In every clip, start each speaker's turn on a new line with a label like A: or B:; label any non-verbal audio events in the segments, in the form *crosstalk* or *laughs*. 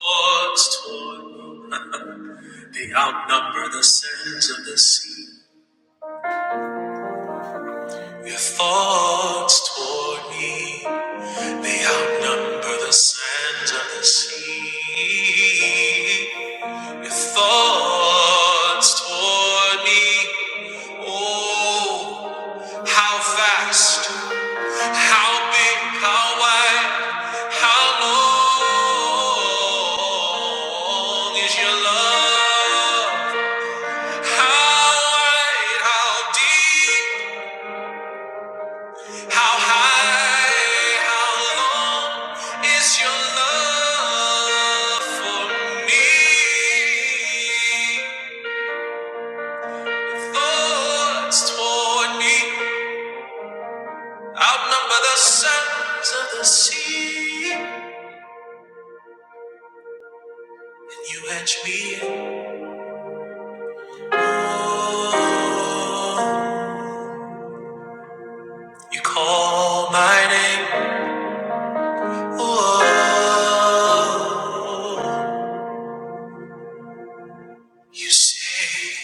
A: Thoughts toward me, they outnumber the sands of the sea. Your thoughts toward me, they outnumber the sands of the sea. Your thoughts toward me, oh, how fast, how big, how wide, how long is your love? How wide, how deep, how high, how long is your love for me? Thoughts toward me outnumber the sands of the sea, and you edge me in. Oh, you call my name. Oh. You say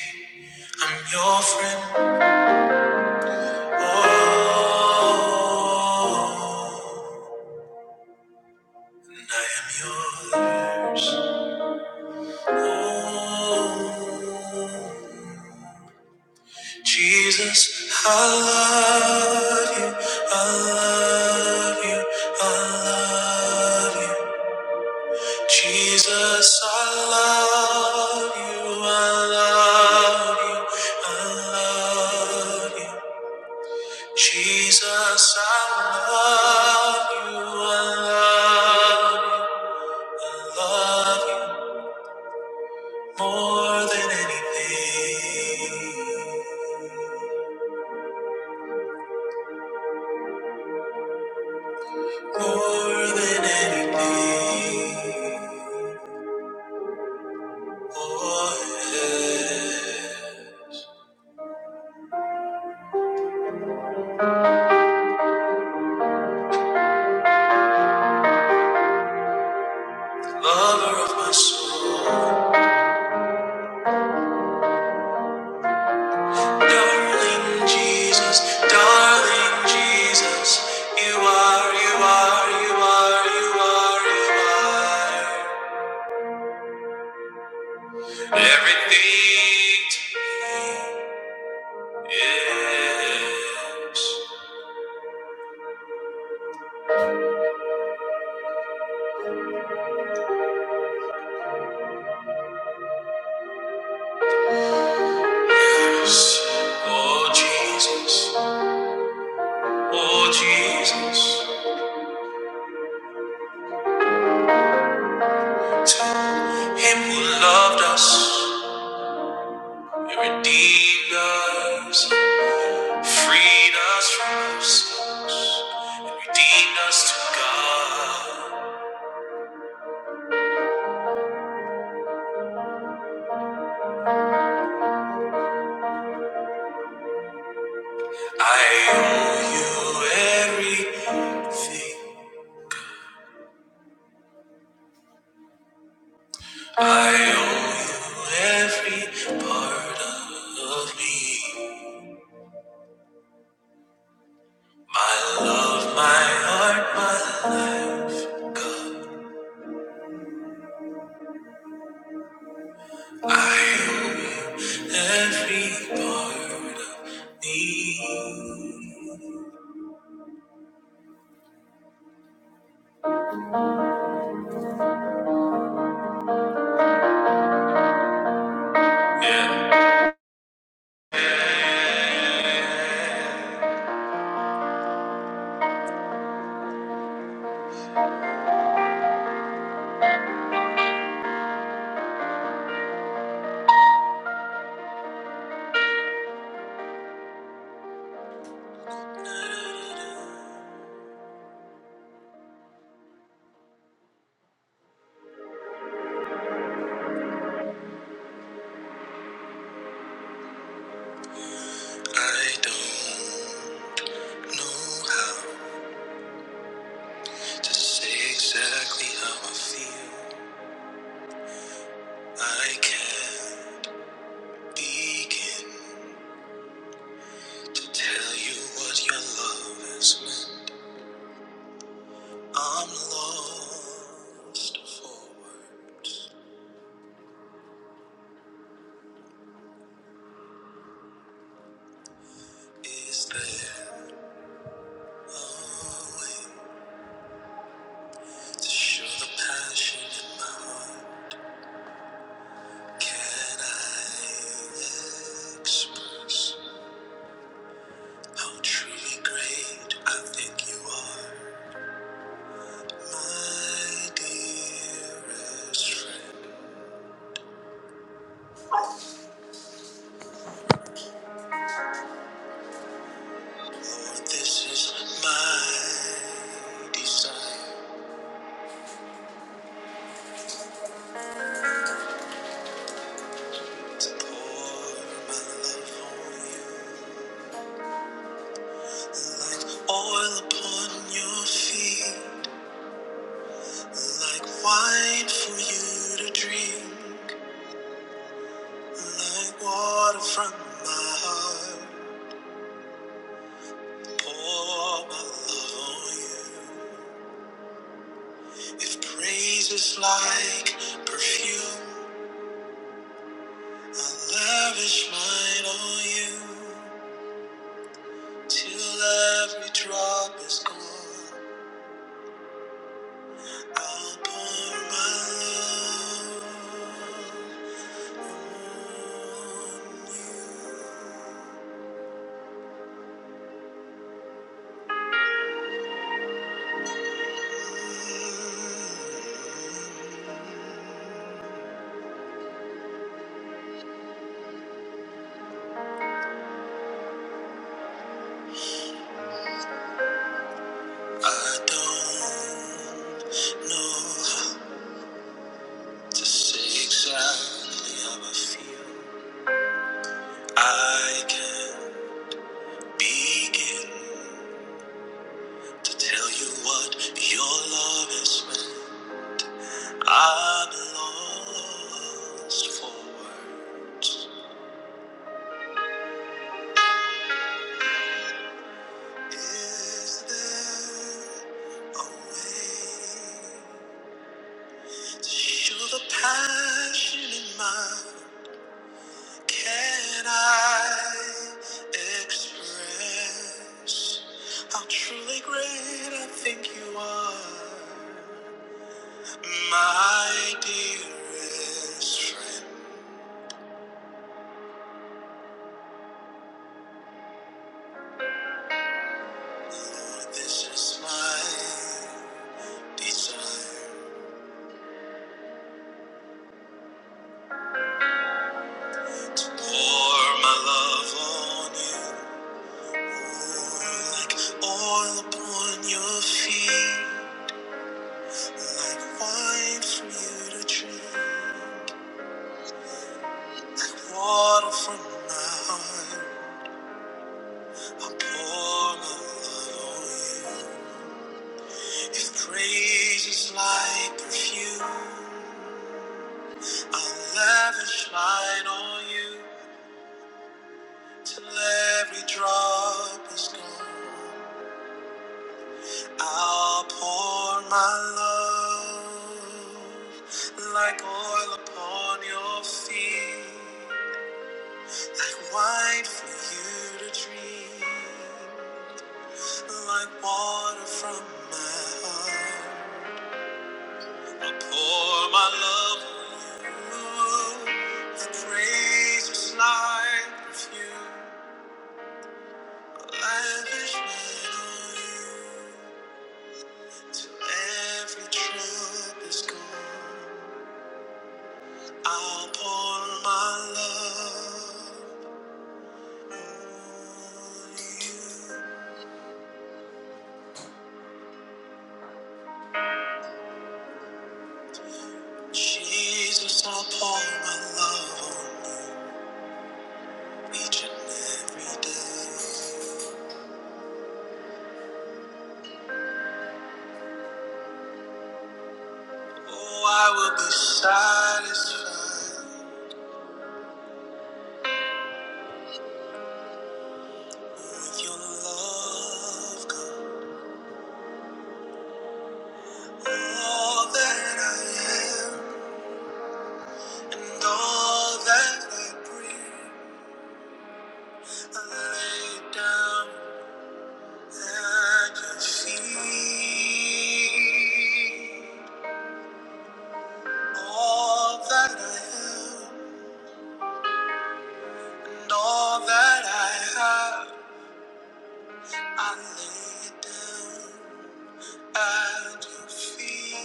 A: I'm your friend. Oh, and I am yours. Oh, Jesus, I love you. I love you. I love you. Jesus, I love you. I love you. I love you. Jesus, I love you, I love you, love you more than anything, more than anything. Oh, yeah. Lover of my soul, darling Jesus, darling Jesus, you are, you are, you are, you are, you are. Everything to me is yes. Oh Jesus, oh Jesus, to Him who loved us and redeemed us, freed us from our sins, and redeemed us to God. I owe you everything. I owe you every part of me. My love, my heart, my life. God, I owe you every part of me. I don't know how to say exactly how I feel. I can't begin to tell you what your love has meant. I'm lost for words. Is there a way to show the passion in my heart? Can I express how truly great I think you are, my dearest friend? Lord, this is my desire to pour my love on you. Like oil upon your feet, like wine for you to drink, like water from my heart. Pour my love on you. If praise is like perfume, I lavish mine on you. Till every drop is gone, I'll pour my love. on I don't know how to say exactly how I feel. I can not begin to tell you what your love is meant. I'm lost for words. Is there a way to show the passion in my Can I express how truly great I think you are? My dearest friend, this is my desire to pour my love on you like oil upon your feet, like wine for you to drink, water from my heart. I'll pour my love on you. If praise is like perfume, I'll lavish mine on you till every drop is gone. I'll pour my love like oil upon your feet, like wine for you to drink, like water from my heart. I'll pour my love on you. My praise is like perfume. I'll lavish mine on you till every drop is gone. I'll pour my love on you. Jesus, I'll pour my love on you each and every day. Oh, I will be satisfied with your love. God. All that I am and all that I breathe, I lay down at your feet. All that I am and all that I have, I lay it down at your feet.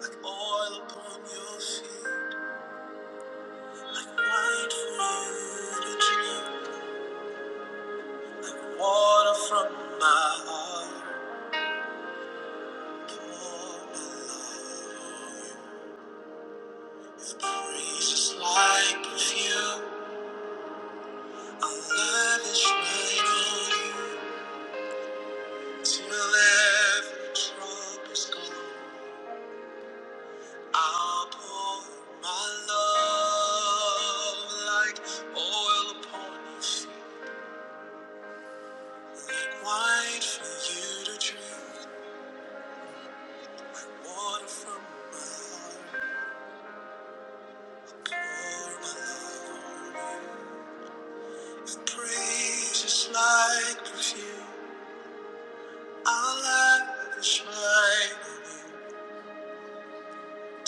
A: Like oil upon your feet, like wine for you to drink. Water from my heart, pour below. With praises like perfume, I lavish mine on you. Till every drop is gone, I'll pour my love like oil upon your feet, like wine for you to drink. Water from my heart, pour my love on you. Praise is like perfume. I'll lavish mine.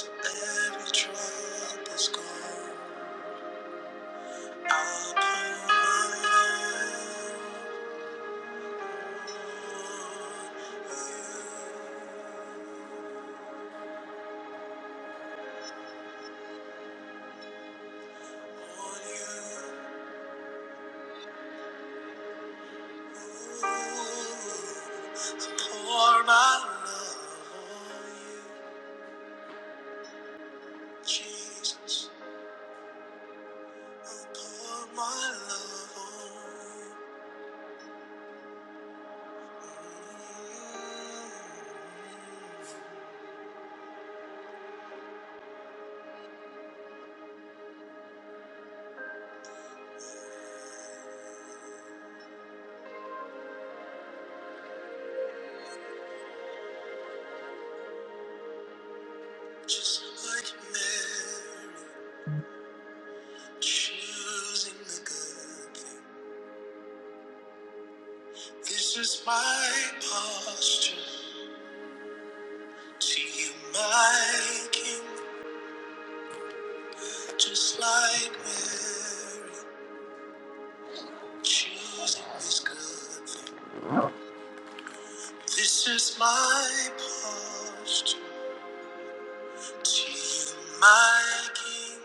A: Every drop is gone. I'll pour mine on you. I'll pour my love on you, Jesus. I'll pour my love on you. Just like Mary. Choosing the good thing. This is my posture. To you, my king, just like Mary. Choosing this good thing. This is my posture. To you, my king,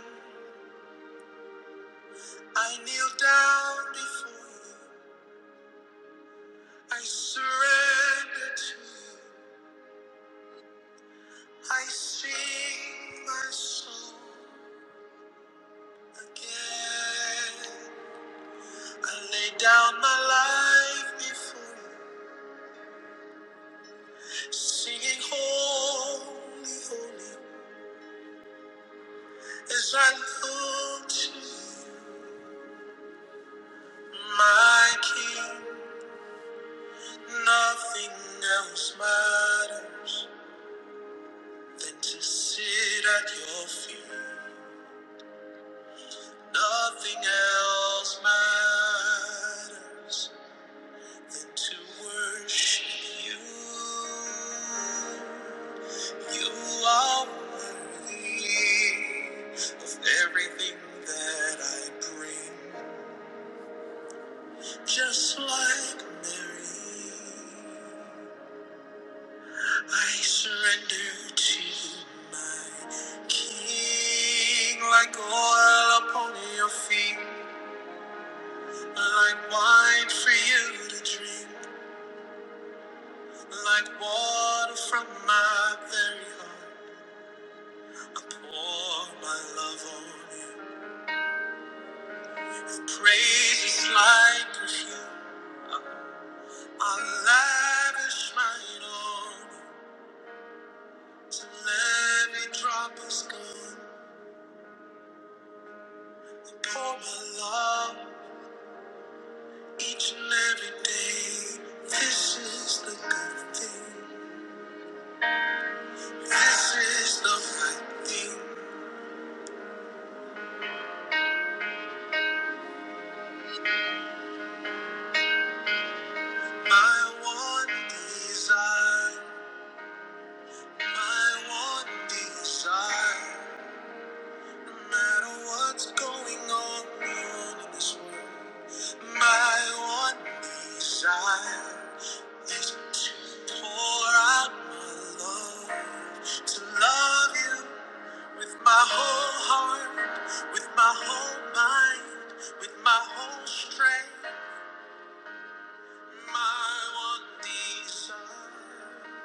A: I kneel down before you. I surrender to you. I sing my song again. I lay down my life before you, singing holy, holy. As I look to you, my King, nothing else matters than to sit at your feet. Nothing else matters than to worship you. You are worthy of everything that I bring, just like Mary. I surrender to you, my King, like oil upon your feet, like wine for you to drink, like water from my very heart. I pour my love on you. Praise is like perfume. I'll lavish mine on till every drop is gone. Pour my love each and every day. This is the good thing. This is the right thing. My one desire. My one desire. No my one desire is to pour out my love, to love you with my whole heart, with my whole mind, with my whole strength. My one desire.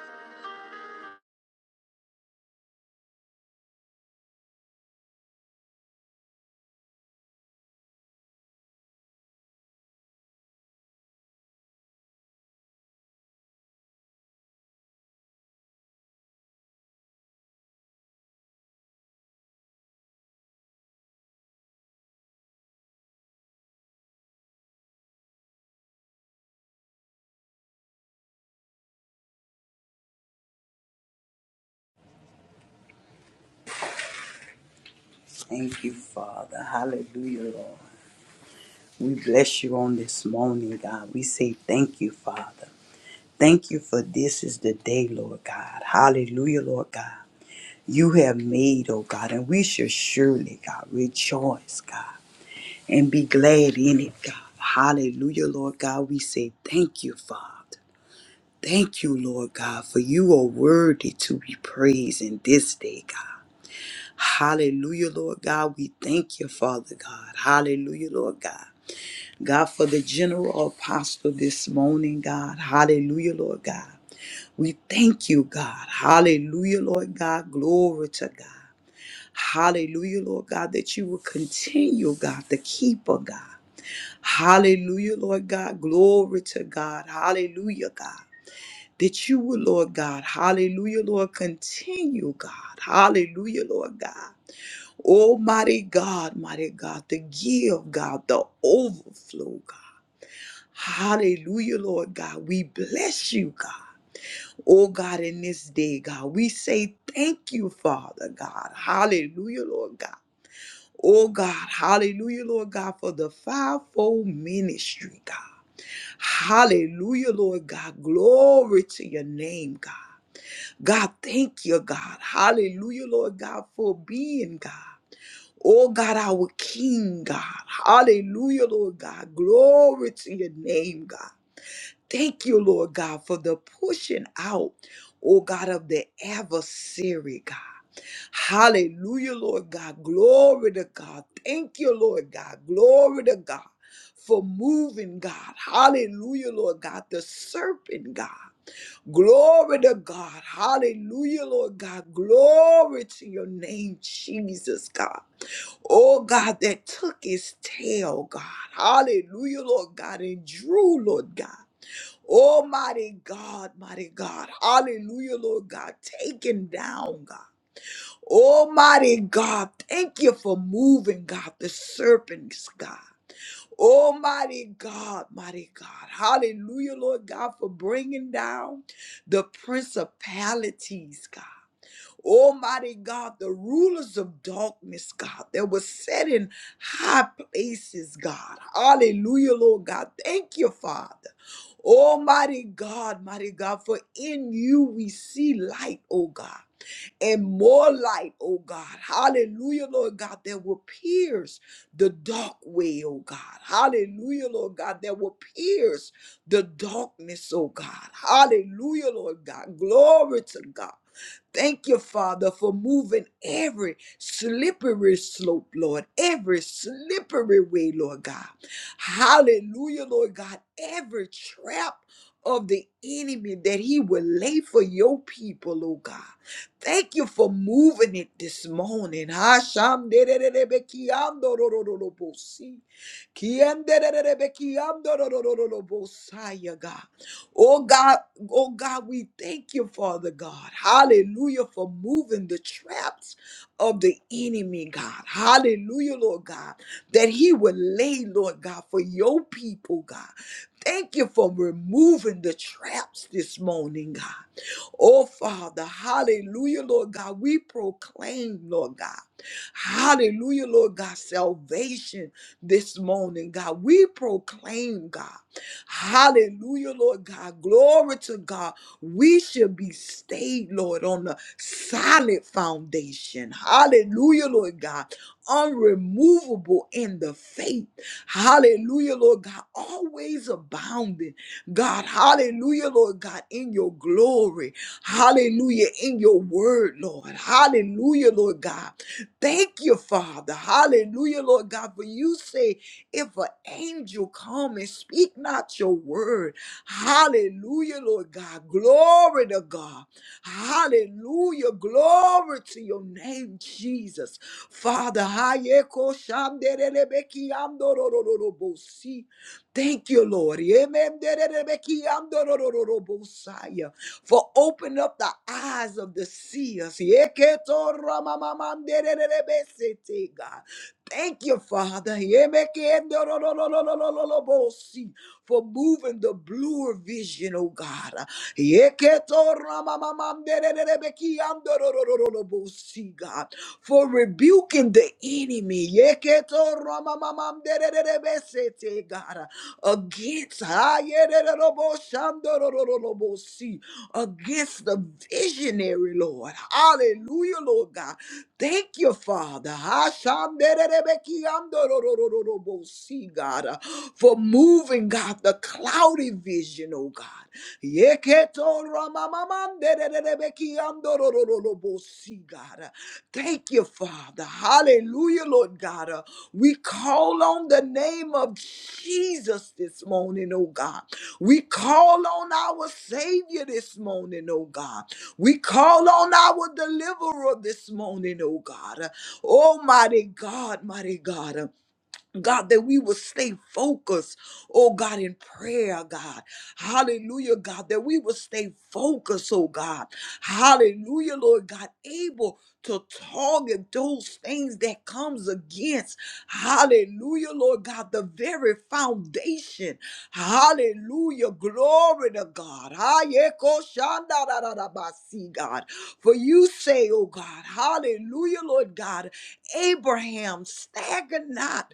B: Thank you, Father. Hallelujah, Lord. We bless you on this morning, God. We say thank you, Father. Thank you for this is the day, Lord God. Hallelujah, Lord God. You have made, oh God, and we shall surely, God, rejoice, God, and be glad in it, God. Hallelujah, Lord God. We say thank you, Father. Thank you, Lord God, for you are worthy to be praised in this day, God. Hallelujah, Lord God. We thank you, Father God. Hallelujah, Lord God. God, for the general apostle this morning, God. Hallelujah, Lord God. We thank you, God. Hallelujah, Lord God. Glory to God. Hallelujah, Lord God, that you will continue, God, the keeper, God. Hallelujah, Lord God. Glory to God. Hallelujah, God. That you will, Lord God. Hallelujah, Lord. Continue, God. Hallelujah, Lord God. Almighty God, mighty God, the give, God, the overflow, God. Hallelujah, Lord God. We bless you, God. Oh God, in this day, God, we say thank you, Father God. Hallelujah, Lord God. Oh God, hallelujah, Lord God, for the fivefold ministry, God. Hallelujah, Lord God. Glory to your name, God. God, thank you, God. Hallelujah, Lord God, for being God. Oh God, our King, God. Hallelujah, Lord God. Glory to your name, God. Thank you, Lord God, for the pushing out, oh God, of the adversary, God. Hallelujah, Lord God. Glory to God. Thank you, Lord God. Glory to God for moving, God. Hallelujah, Lord God. The serpent, God. Glory to God. Hallelujah, Lord God. Glory to your name, Jesus, God. Oh, God, that took his tail, God. Hallelujah, Lord God, and drew, Lord God. Oh, mighty God, mighty God. Hallelujah, Lord God. Taken down, God. Almighty God, thank you for moving, God, the serpents, God. Almighty God, mighty God. Hallelujah, Lord God, for bringing down the principalities, God. Almighty God, the rulers of darkness, God, that were set in high places, God. Hallelujah, Lord God. Thank you, Father. Almighty God, mighty God, for in you we see light, oh God. And more light, oh God. Hallelujah, Lord God, that will pierce the dark way, oh God. Hallelujah, Lord God, that will pierce the darkness, oh God. Hallelujah, Lord God. Glory to God. Thank you, Father, for moving every slippery slope, Lord, every slippery way, Lord God. Hallelujah, Lord God. Every trap of the enemy that he will lay for your people, oh God. Thank you for moving it this morning. Hasham dererebe kiando rorororobosi. Kiendererebe kiando rorororobosaya, God. Oh God, oh God, we thank you, Father God. Hallelujah for moving the traps of the enemy, God. Hallelujah, Lord God, that he would lay, Lord God, for your people, God. Thank you for removing the traps this morning, God. Oh, Father, hallelujah, Lord God. We proclaim, Lord God, hallelujah, Lord God, salvation this morning, God. We proclaim, God. Hallelujah, Lord God. Glory to God. We should be stayed, Lord, on the solid foundation. Hallelujah, Lord God. Unremovable in the faith. Hallelujah, Lord God. Always abounding, God. Hallelujah, Lord God, in your glory. Hallelujah, in your word, Lord. Hallelujah, Lord God. Thank you, Father. Hallelujah, Lord God, for you say if an angel come and speak not your word, hallelujah, Lord God. Glory to God. Hallelujah. Glory to your name, Jesus. Father, hayeko shanderebeki andorororobosi. thank you, Lord. Yememderebeki andorororobosaya. For open up the eyes of the seers. Yeketo ramamamandererebesete, God. Thank you, Father, for moving the bluer vision, oh God. God, for rebuking the enemy. God, against Ayerereroboshandorolololobosi, against the visionary, Lord. Hallelujah, Lord God Thank you, Father. Hashanderebekiandororororobo. See, God, uh, for moving, God, the cloudy vision, oh God. Yeketoramamamandererebekiandororororobo. See, God. uh, Thank you, Father. Hallelujah, Lord God. Uh, We call on the name of Jesus this morning, oh God. We call on our Savior this morning, oh God. We call on our deliverer this morning, oh God. Almighty God, mighty God. God, that we will stay focused, oh God, in prayer, God. Hallelujah, God, that we will stay focused, oh God. Hallelujah, Lord God, able to target those things that comes against. Hallelujah, Lord God, the very foundation. Hallelujah, glory to God. Hayekoshandarabasi, God. For you say, oh God, hallelujah, Lord God, Abraham stagger not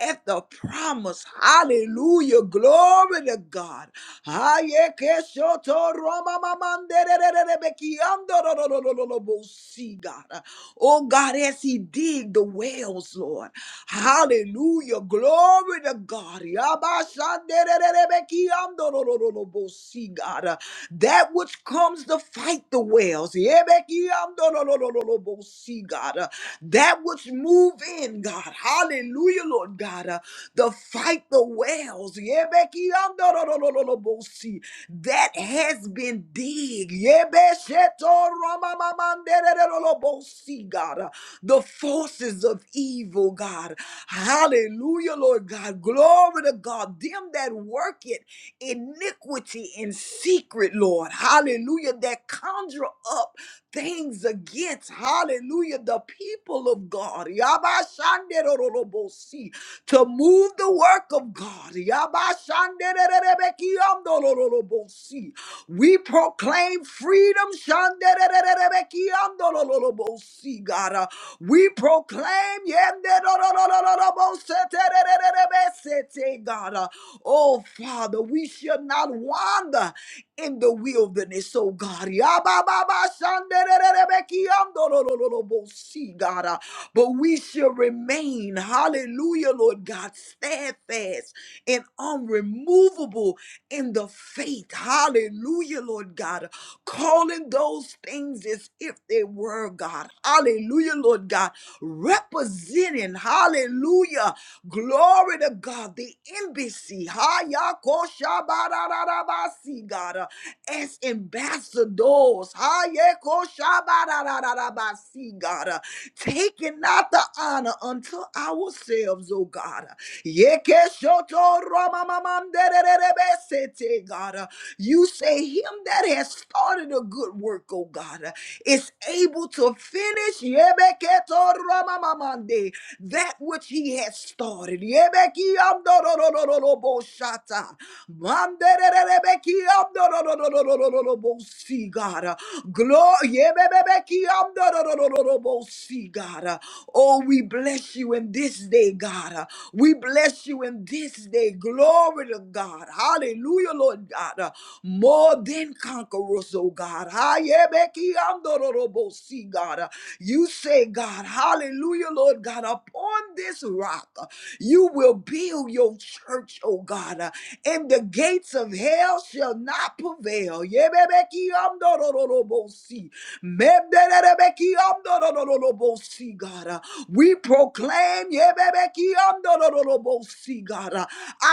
B: at the promise. Hallelujah. Glory to God. Ayekeshotoromamamanderererebekiandororororobosi, God. Oh God, as he dig the wells, Lord. Hallelujah. Glory to God. Yabashanderererebekiamdorororobosi, God. Uh, That which comes to fight the wells. Yebekiamdorororobosi, God. Uh, That which move in, God. Hallelujah, Lord God. Uh, To fight the wells. Yebekiamdorororobosi that has been dig. Yebeshetoramamamandererolobosi, God, the forces of evil, God. Hallelujah, Lord God. Glory to God. Them that work it iniquity in secret, Lord. Hallelujah. That conjure up things against, hallelujah, the people of God. Yabashanderorolobosi to move the work of God. Yabashandererebekiamdolololobosi. We proclaim freedom. Shanderererebekiamdolololobosi, God. Uh, We proclaim yemderororororoboseterererebesete, God. Uh, Oh, Father, we should not wander in the wilderness, oh God. Yabba-ba-ba-shanderererebekiandorororobosi, God. uh, But we shall remain, hallelujah, Lord God, steadfast and unremovable in the faith. Hallelujah, Lord God. Calling those things as if they were God. Hallelujah, Lord God. Representing, hallelujah, glory to God, the embassy. Hayakoshabarararabasi, God, uh, as ambassadors. Hayakoshabarararabasi, God, uh, taking not the honor unto ourselves, oh God. Yekeshotoromamamandererebe-sete, God, uh, you say, Him that has started a good work, oh God, uh, is able to finish. Yebeketoromamamande that which he has started. Yebeki ando do do do do do bo shata. Mande re re re beki ando do do do do do do do do bo si God. Glory. Yebebeki ando do do do do do bo si God. Oh, we bless you in this day, God. We bless you in this day. Glory to God. Hallelujah, Lord God. More than conquerors, oh God. Hayebeki ando do do bo si God. You say, God, hallelujah, Lord God, upon this rock, uh, you will build your church, oh God, uh, and the gates of hell shall not prevail. Yebebekiyamdorororobosi. Mebderebekiyamdorororobosi, God, uh, we proclaim yebebekiyamdorororobosi, God, uh,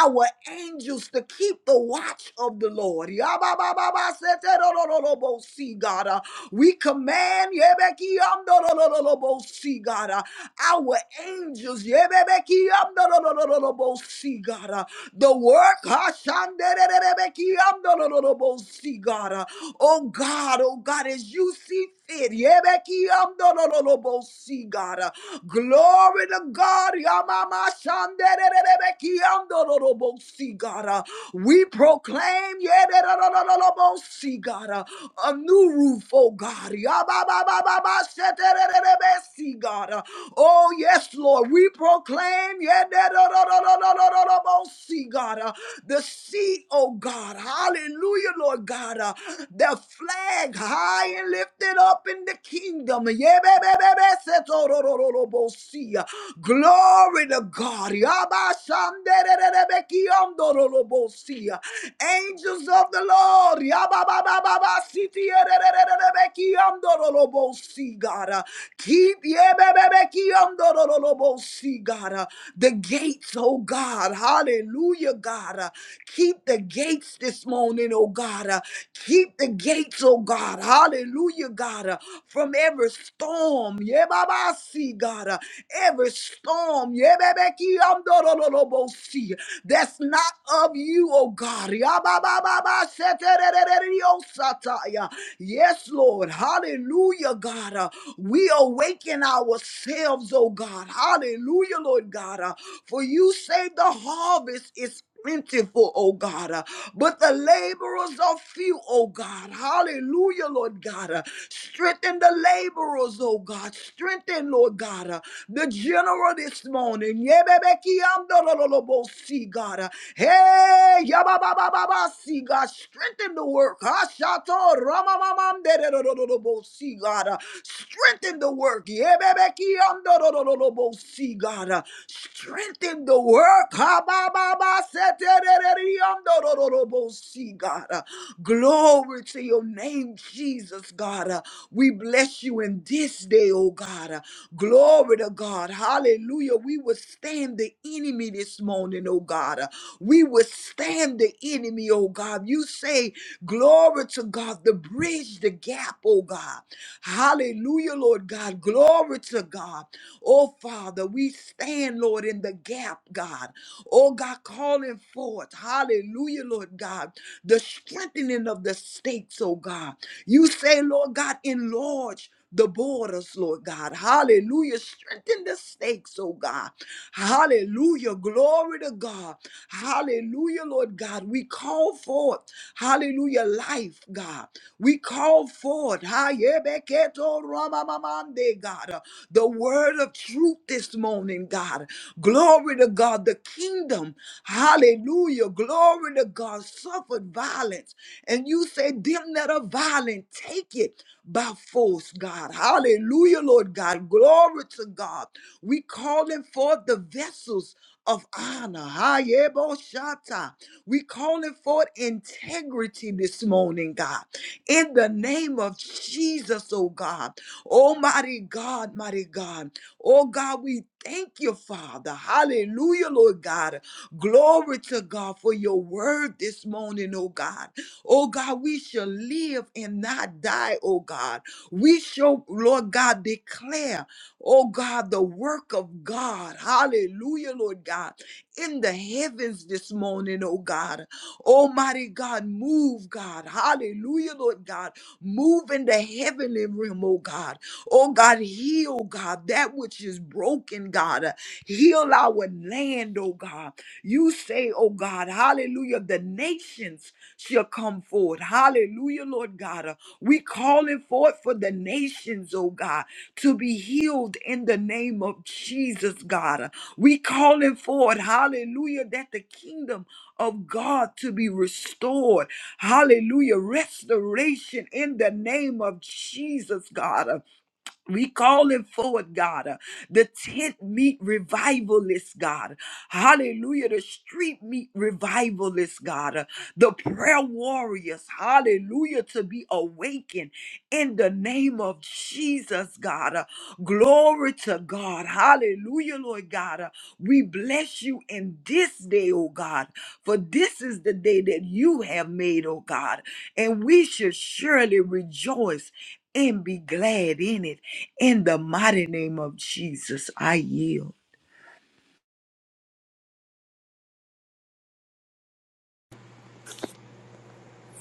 B: our angels to keep the watch of the Lord. Yababababaseterororobosi, God. uh, we command, Yebekiyamdododododobos, see God, uh, our angels, Yebekiyamdododododobos, see God, uh, the work. Hashandererebekiamdololobosi, God. Uh, Oh God, oh God, as you see fit. Yebekiamdololobosi, God. Uh, Glory to God. Yamamashandererebekiamdololobosi, God. Uh, We proclaim yederololobosi, God, uh, a new roof, oh God. Yabababababashetererebesi, God. Oh, yes, Lord. We proclaim, yeah, da, da, da, da, da, da, da, da, da, bo- see, God, uh, the sea, oh God. Hallelujah, Lord God. uh, the flag high and lifted up in the kingdom. Yeah, ba, ba, ba, ba, set, oh, do, do, do, do, bo- see, uh, Glory to God. Yeah, ba, sham, da, da, da, da, be, ki, um, do, do, do, bo- see, uh, Angels of the Lord. Yeah, ba, ba, ba, ba, ba, see, ti, yeah, da, da, da, da, da, be, ki, um, do, do, do, bo- see, God. uh, Keep yebebebekiyondorolobosi, God. uh, The gates, oh God. Hallelujah, God. uh, Keep the gates this morning, oh God. uh, Keep the gates, oh God. Hallelujah, God. uh, From every storm. Yebabasi, God. uh, Every storm. yebebekiyondorolobosi, That's not of you, oh God. Yababababa, setererereriosataya. Yes, Lord. Hallelujah. Hallelujah, God. Uh, we awaken ourselves, oh God. Hallelujah, Lord God. Uh, for you say the harvest is plentiful, oh God. Uh, but the laborers are few, oh God. Hallelujah, Lord God. Uh, strengthen the laborers, oh God. Strengthen, Lord God, uh, the general this morning. Yebebekiamdololobosi, God. Uh, Hey, yabababababasi, God. Strengthen the work. Hashato See, God. uh, Strengthen the work. See, God. uh, Strengthen the work. See, God. uh, Glory to your name, Jesus, God. Uh, We bless you in this day, oh God. Uh, Glory to God. Hallelujah. We withstand the enemy this morning, oh God. Uh, We withstand the enemy, oh God. You say Glory to God, the bridge, the gap, oh God. Hallelujah, Lord God. Glory to God. Oh, Father, we stand, Lord, in the gap, God. Oh, God, calling forth, hallelujah, Lord God, the strengthening of the stakes, oh, God. You say, Lord God, enlarge the borders, Lord God. Hallelujah. Strengthen the stakes, oh God. Hallelujah. Glory to God. Hallelujah, Lord God. We call forth, hallelujah, life, God. We call call forth. Hayebeketo ramamamande, God. The word of truth this morning, God. Glory to God. The kingdom. Hallelujah. Glory to God. Suffered violence. And you say, them that are violent, take it by force, God. Hallelujah, Lord God. Glory to God. We calling forth the vessels of honor. Hayeboshata. We calling forth integrity this morning, God in the name of Jesus, oh God. Almighty God, mighty God. Oh God, we thank you, Father. Hallelujah, Lord God. Glory to God for your word this morning, oh God. Oh God, we shall live and not die, oh God. We shall, Lord God, declare, oh God, the work of God. Hallelujah, Lord God. In the heavens this morning, oh God. Almighty God, move, God. Hallelujah, Lord God. Move in the heavenly realm, oh God. Oh God, heal, God, that which is broken, God. Uh, Heal our land, oh God. You say, oh God, hallelujah, the nations shall come forward. Hallelujah, Lord. Lord God. Uh, We calling forth for the nations, oh God, to be healed in the name of Jesus, God. Uh, We calling forth, hallelujah, that the kingdom of God to be restored. Hallelujah. Restoration in the name of Jesus, God. Uh, we calling forward, God, uh, the tent meet revivalist, God. Hallelujah. The street meet revivalist, God. uh, the prayer warriors, hallelujah, to be awakened in the name of Jesus, God. uh, glory to God. Hallelujah, Lord God. uh, we bless you in this day, oh God, for this is the day that you have made, oh God. And we should surely rejoice and be glad in it. In the mighty name of Jesus, I yield.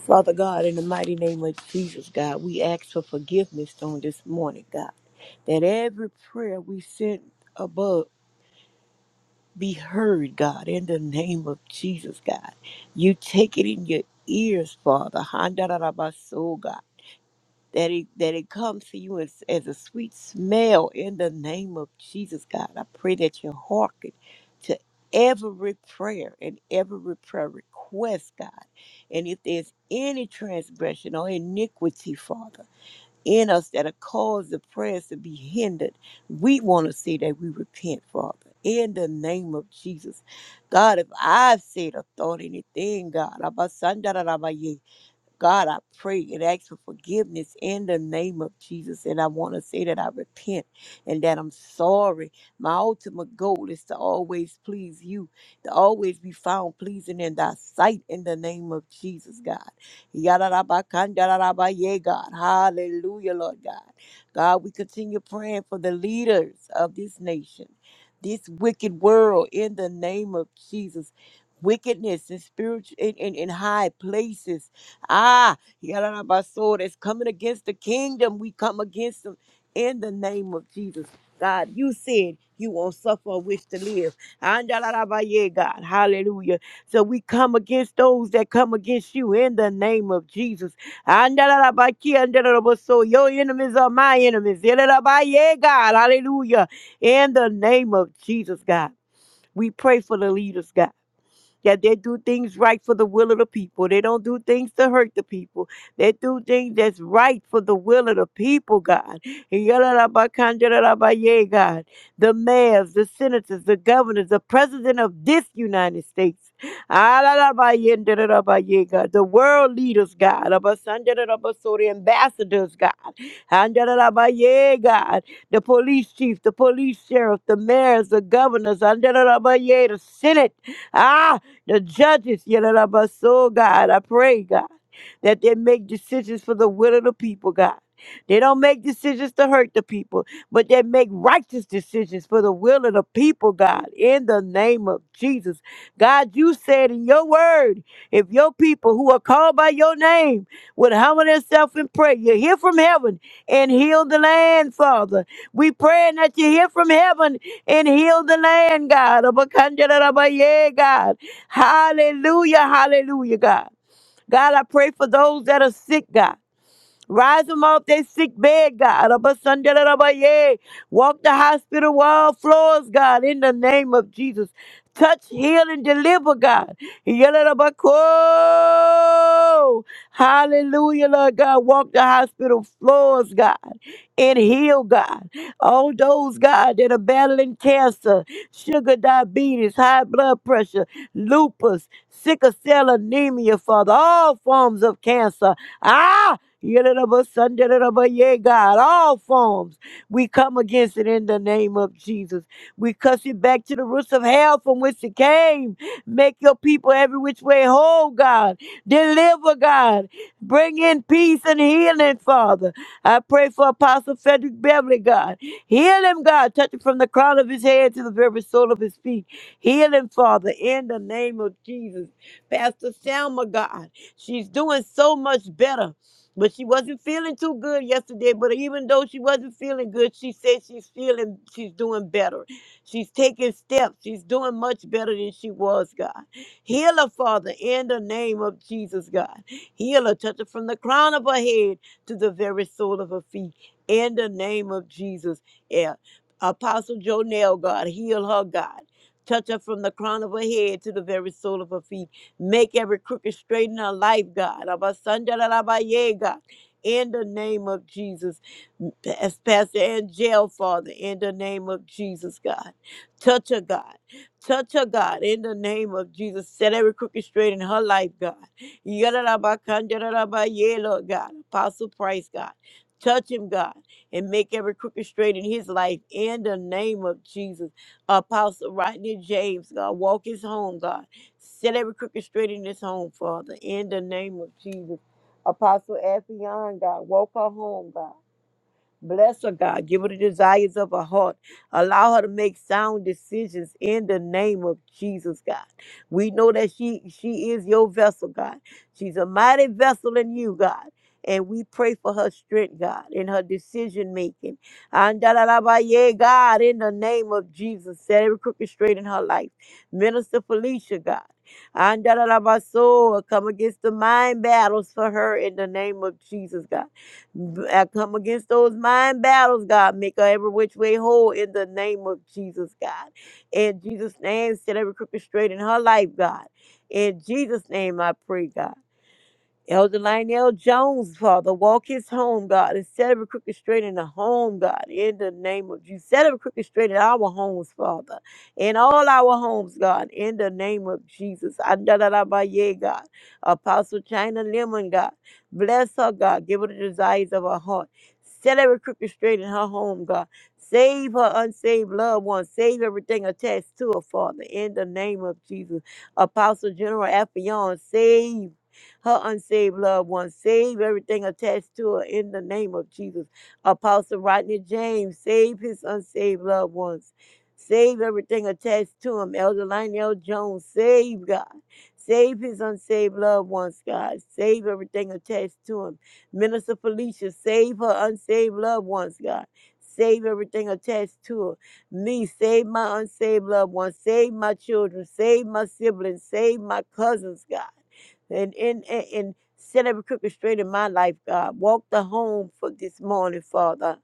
C: Father God, in the mighty name of Jesus, God, we ask for forgiveness on this morning, God, that every prayer we sent above be heard, God, in the name of Jesus, God. You take it in your ears, Father. Handarabaso, God that it that it comes to you as, as a sweet smell in the name of Jesus God. I pray that you hearken to every prayer and every prayer request, God. And if there's any transgression or iniquity, Father, in us that have caused the prayers to be hindered, we want to say that we repent, Father. In the name of Jesus. God, if I've said or thought anything, God, God, I pray and ask for forgiveness in the name of Jesus. And I want to say that I repent and that I'm sorry. My ultimate goal is to always please you, to always be found pleasing in thy sight in the name of Jesus, God. Yadarabakandarabaya, God. Hallelujah, Lord God. God, we continue praying for the leaders of this nation, this wicked world in the name of Jesus. Wickedness and spiritual in, in, in high places Ah, Yalabasora is coming against the kingdom. We come against them in the name of Jesus. God, you said you won't suffer a wish to live. Andalarabaye, God, hallelujah. So we come against those that come against you in the name of Jesus. Andalarabaki, andalarabaso. Your enemies are my enemies. Yalarabaye, God, hallelujah. In the name of Jesus, God. We pray for the leaders, God that they do things right for the will of the people. They don't do things to hurt the people. They do things that's right for the will of the people, God. Yalalabakandalabaye, God. The mayors, the senators, the governors, the president of this United States. Alalabayendalabaye, God. The world leaders, God. Abasandalabasori, Ambassadors, God. Andalabaye, God the police chief, the police sheriff, the mayors, the governors, under the the Senate. Ah, the judges, Yalabaso, God, I pray, God, that they make decisions for the will of the people, God. They don't make decisions to hurt the people, but they make righteous decisions for the will of the people, God, in the name of Jesus. God, you said in your word, if your people who are called by your name would humble themselves and pray, you hear from heaven and heal the land, Father. We praying that you hear from heaven and heal the land, God. Abakandarabaye, God. Hallelujah, hallelujah, God. God, I pray for those that are sick, God. Rise them off their sick bed, God. Abba, Sunday, da, da, ba, yay. Walk the hospital wall floors, God, in the name of Jesus. Touch, heal, and deliver, God. Yada, da, ba, ko. Hallelujah, Lord God. Walk the hospital floors, God, and heal, God. All those, God, that are battling cancer, sugar, diabetes, high blood pressure, lupus, sickle cell anemia, Father, all forms of cancer. Ah! Yeah, God, all forms. We come against it in the name of Jesus. We cuss it back to the roots of hell from which it came. Make your people every which way whole, God. Deliver, God. Bring in peace and healing, Father. I pray for Apostle Frederick Beverly, God. Heal him, God. Touch him from the crown of his head to the very sole of his feet. Heal him, Father, in the name of Jesus. Pastor Selma, God. She's doing so much better. But she wasn't feeling too good yesterday. But even though she wasn't feeling good, she said she's feeling, she's doing better. She's taking steps. She's doing much better than she was, God. Heal her, Father, in the name of Jesus, God. Heal her, touch her from the crown of her head to the very sole of her feet, in the name of Jesus. Yeah. Apostle Jonell, God, heal her, God. Touch her from the crown of her head to the very sole of her feet Make every crooked straight in her life, God. Abasandalabaye, God. In the name of Jesus, as Pastor Angel, Father, in the name of Jesus, God. Touch her, God. Touch her, God, in the name of Jesus. Set every crooked straight in her life, God. Yadadabakandadabaye, Lord God. Apostle Price, God. Touch him, God, and make every crooked straight in his life in the name of Jesus. Apostle Rodney James, God. Walk his home, God. Set every crooked straight in this home, Father, in the name of Jesus. Apostle Affion, God, woke her home, God. Bless her, God. Give her the desires of her heart. Allow her to make sound decisions in the name of Jesus, God. We know that she she is your vessel, God. She's a mighty vessel in you, God. And we pray for her strength, God, in her decision making. And da da da ba yeah, God, in the name of Jesus, set every crooked straight in her life. Minister Felicia, God. And da da da ba so come against the mind battles for her in the name of Jesus, God. I come against those mind battles, God. Make her every which way whole in the name of Jesus, God. In Jesus' name, set every crooked straight in her life, God. In Jesus' name, I pray, God. Elder Lionel Jones, Father, walk his home, God, and set every crooked straight in the home, God, in the name of Jesus. Set every crooked straight in our homes, Father, in all our homes, God, in the name of Jesus. Andalalabaye, God, Apostle China Lemon, God, bless her, God, give her the desires of her heart. Set every crooked straight in her home, God. Save her unsaved loved ones. Save everything attached to her, Father, in the name of Jesus. Apostle General Affion, save her unsaved loved ones. Save everything attached to her in the name of Jesus. Apostle Rodney James, save his unsaved loved ones. Save everything attached to him. Elder Lionel Jones, save God. Save his unsaved loved ones, God. Save everything attached to him. Minister Felicia, save her unsaved loved ones, God. Save everything attached to her. Me, save my unsaved loved ones. Save my children. Save my siblings. Save my cousins, God and and and, and set every crooked straight in my life, God. Walk the home for this morning, Father.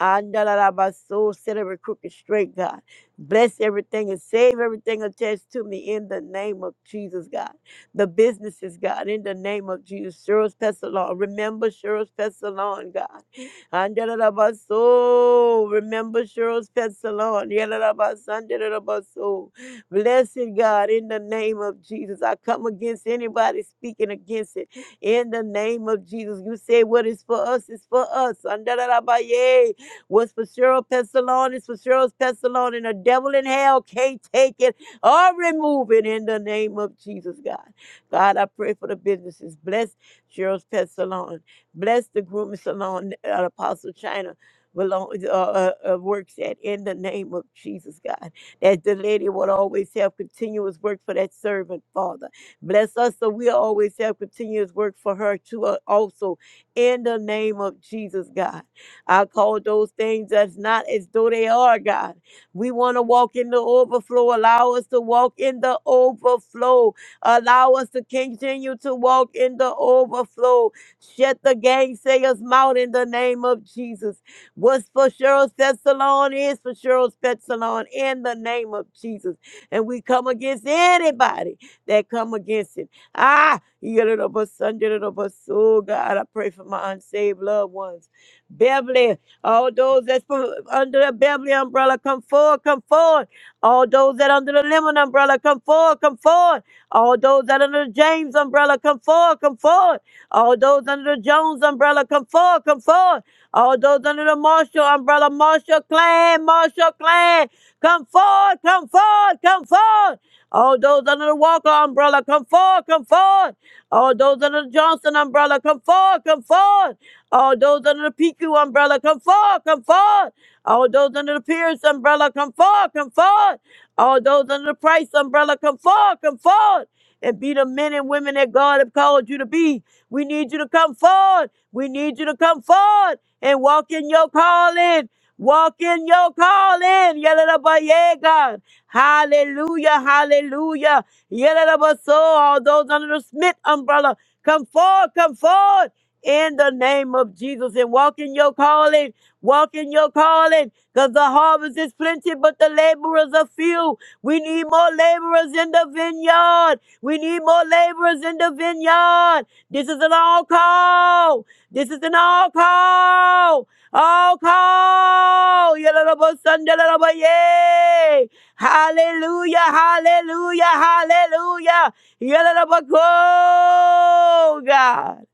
C: I my soul, set every crooked straight, God. Bless everything and save everything attached to me in the name of Jesus, God. The businesses, God, in the name of Jesus. Cheryl's Pestalon, remember Cheryl's Pestalon, God. I soul, remember Cheryl's Pestalon. Yellow my soul. Blessed God, in the name of Jesus, I come against anybody speaking against it. In the name of Jesus, you say what is for us is for us. Andalarabaye. What's for Cheryl Pestalon is for Cheryl Pestalon, and the devil in hell can't take it or remove it in the name of Jesus, God. God, I pray for the businesses. Bless Cheryl's Pet Salon. Bless the grooming salon that Apostle China belong, uh, uh, uh, works at in the name of Jesus, God that the lady will always have continuous work for that servant, Father. Bless us so we'll always have continuous work for her too, uh, also, in the name of Jesus, God. I call those things as not as though they are, God. We want to walk in the overflow. Allow us to walk in the overflow. Allow us to continue to walk in the overflow. Shut the gangsayers' mouth in the name of Jesus. What's for Cheryl's Pet Salon is for Cheryl's Pet Salon in the name of Jesus. And we come against anybody that come against it. Ah, you yadadabasundadadabas. oh God, I pray for my unsaved loved ones. Beverly, all those that's for, under the Beverly umbrella, come forward, come forward. All those that under the Lemon umbrella, come forward, come forward. All those that under the James umbrella, come forward, come forward. All those under the Jones umbrella, come forward, come forward. All those under the Marshall umbrella, Marshall clan, Marshall clan, come forward, come forward, come forward. All those under the Walker umbrella, come forward, come forward. All those under the Johnson umbrella, come forward, come forward. All those under the PQ umbrella, come forward, come forward. All those under the Pierce umbrella, come forward, come forward. All those under the Price umbrella, come forward, come forward. And be the men and women that God have called you to be. We need you to come forward. We need you to come forward and walk in your calling. Walk in your calling. Yadadabaye, God. Hallelujah. Hallelujah. Yadadabaso. All those under the Smith umbrella, come forward. Come forward in the name of Jesus and walk in your calling. Walk in your calling because the harvest is plenty, but the laborers are few. We need more laborers in the vineyard. We need more laborers in the vineyard. This is an all call. This is an all call. All call. Yalalabasandalalaba-yay. Hallelujah. Hallelujah. Hallelujah. Yalalabako, God.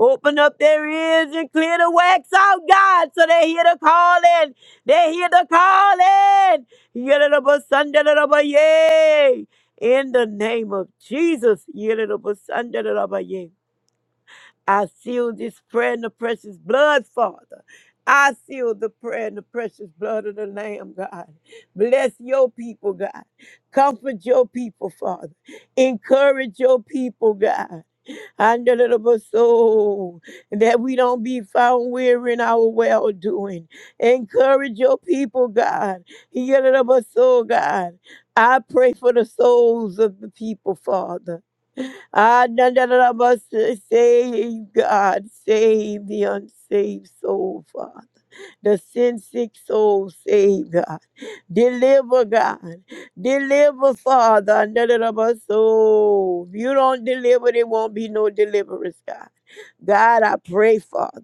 C: Open up their ears and clear the wax out, God, so they hear the calling. They hear the calling. Yalalabasandalalaba-yay. In the name of Jesus. Yalalabasandalalaba-yay. I seal this prayer in the precious blood, Father. I seal the prayer in the precious blood of the Lamb, God. Bless your people, God. Comfort your people, Father. Encourage your people, God. And the little soul that we don't be found weary in our well doing. Encourage your people, God. Your little soul, God. I pray for the souls of the people, Father. Ah, na, na, na, na, but sa- Save God, save the unsaved soul, Father. The sin sick soul, save God. Deliver God. Deliver, Father. Na, na, na, but so If you don't deliver, there won't be no deliverance, God. God, I pray, Father.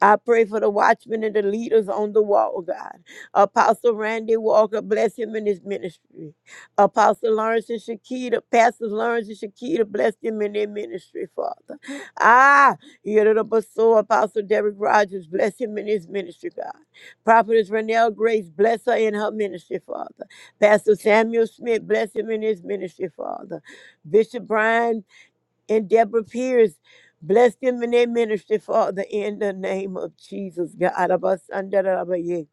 C: I pray for the watchmen and the leaders on the wall, God. Apostle Randy Walker, bless him in his ministry. Apostle Lawrence and Shakita, Pastor Lawrence and Shakita, bless them in their ministry, Father. Ah, so Apostle Derek Rogers, bless him in his ministry, God. Prophetess Renelle Grace, bless her in her ministry, Father. Pastor Samuel Smith, bless him in his ministry, Father. Bishop Brian and Deborah Pierce. Bless them in their ministry, Father, in the name of Jesus. God.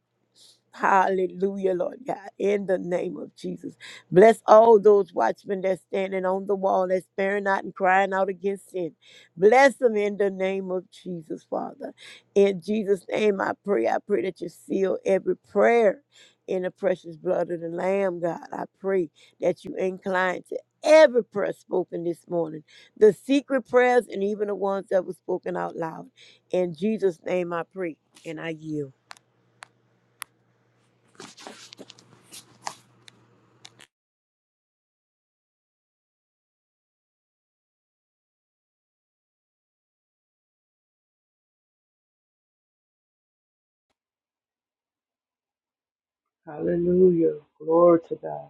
C: Hallelujah, Lord God, in the name of Jesus. Bless all those watchmen that's standing on the wall, that's sparing out and crying out against sin. Bless them in the name of Jesus, Father. In Jesus' name, I pray. I pray that you seal every prayer in the precious blood of the Lamb, God. I pray that you incline to every prayer spoken this morning, the secret prayers and even the ones that were spoken out loud. In Jesus' name, I pray and I yield.
D: Hallelujah. Glory to God.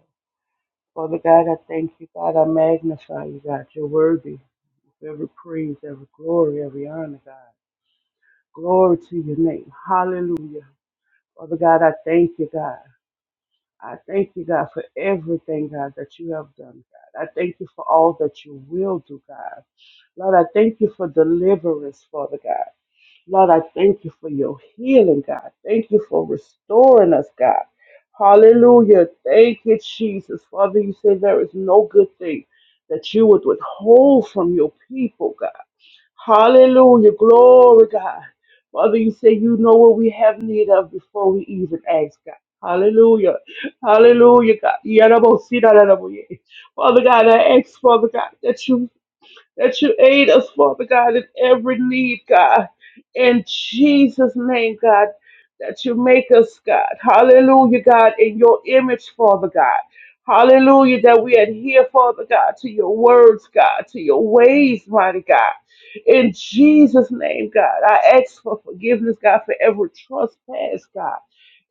D: Father God, I thank you, God. I magnify you, God. You're worthy of every praise, every glory, every honor, God. Glory to your name. Hallelujah. Father God, I thank you, God. I thank you, God, for everything, God, that you have done, God. I thank you for all that you will do, God. Lord, I thank you for deliverance, Father God. Lord, I thank you for your healing, God. Thank you for restoring us, God. Hallelujah. Thank you, Jesus. Father, you say there is no good thing that you would withhold from your people, God. Hallelujah. Glory, God. Father, you say you know what we have need of before we even ask, God. Hallelujah. Hallelujah, God. Yarabosidaraboye. Father God, I ask, Father God, that you that you aid us, Father God, in every need, God. In Jesus' name, God, that you make us, God. Hallelujah, God, in your image, Father God. Hallelujah, that we adhere, Father God, to your words, God, to your ways, mighty God. In Jesus' name, God, I ask for forgiveness, God, for every trespass, God.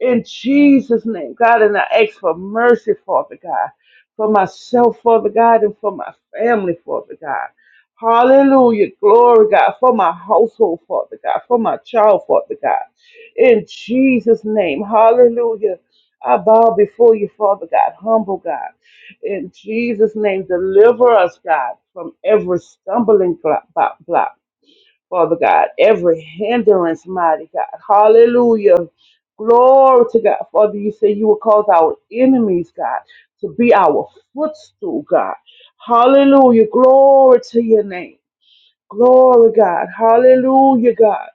D: In Jesus' name, God, and I ask for mercy, Father God, for myself, Father God, and for my family, Father God. Hallelujah. Glory, God, for my household, Father God, for my child, Father God. In Jesus' name. Hallelujah. I bow before you, Father God, humble God. In Jesus' name, deliver us, God, from every stumbling block, block, block, Father God, every hindrance, mighty God. Hallelujah. Glory to God. Father, you say you will cause our enemies, God, to be our footstool, God. Hallelujah. Glory to your name. Glory, God. Hallelujah, God.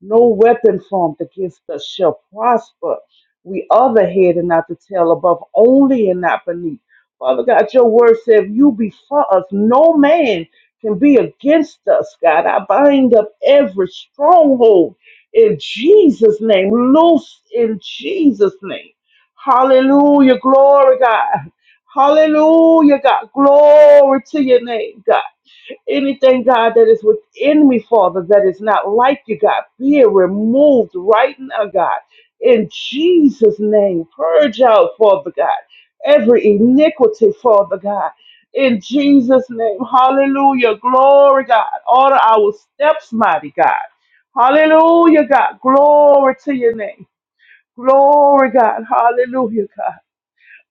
D: No weapon formed against us shall prosper. We are the head and not the tail, above only and not beneath. Father God, your word said, if you be for us, no man can be against us, God. I bind up every stronghold in Jesus' name, loose in Jesus' name. Hallelujah, glory, God. Hallelujah, God. Glory to your name, God. Anything, God, that is within me, Father, that is not like you, God, be it removed right now, God. In Jesus' name, purge out, Father God, every iniquity, Father God. In Jesus' name, hallelujah, glory, God. Order our steps, mighty God. Hallelujah, God. Glory to your name. Glory, God. Hallelujah, God.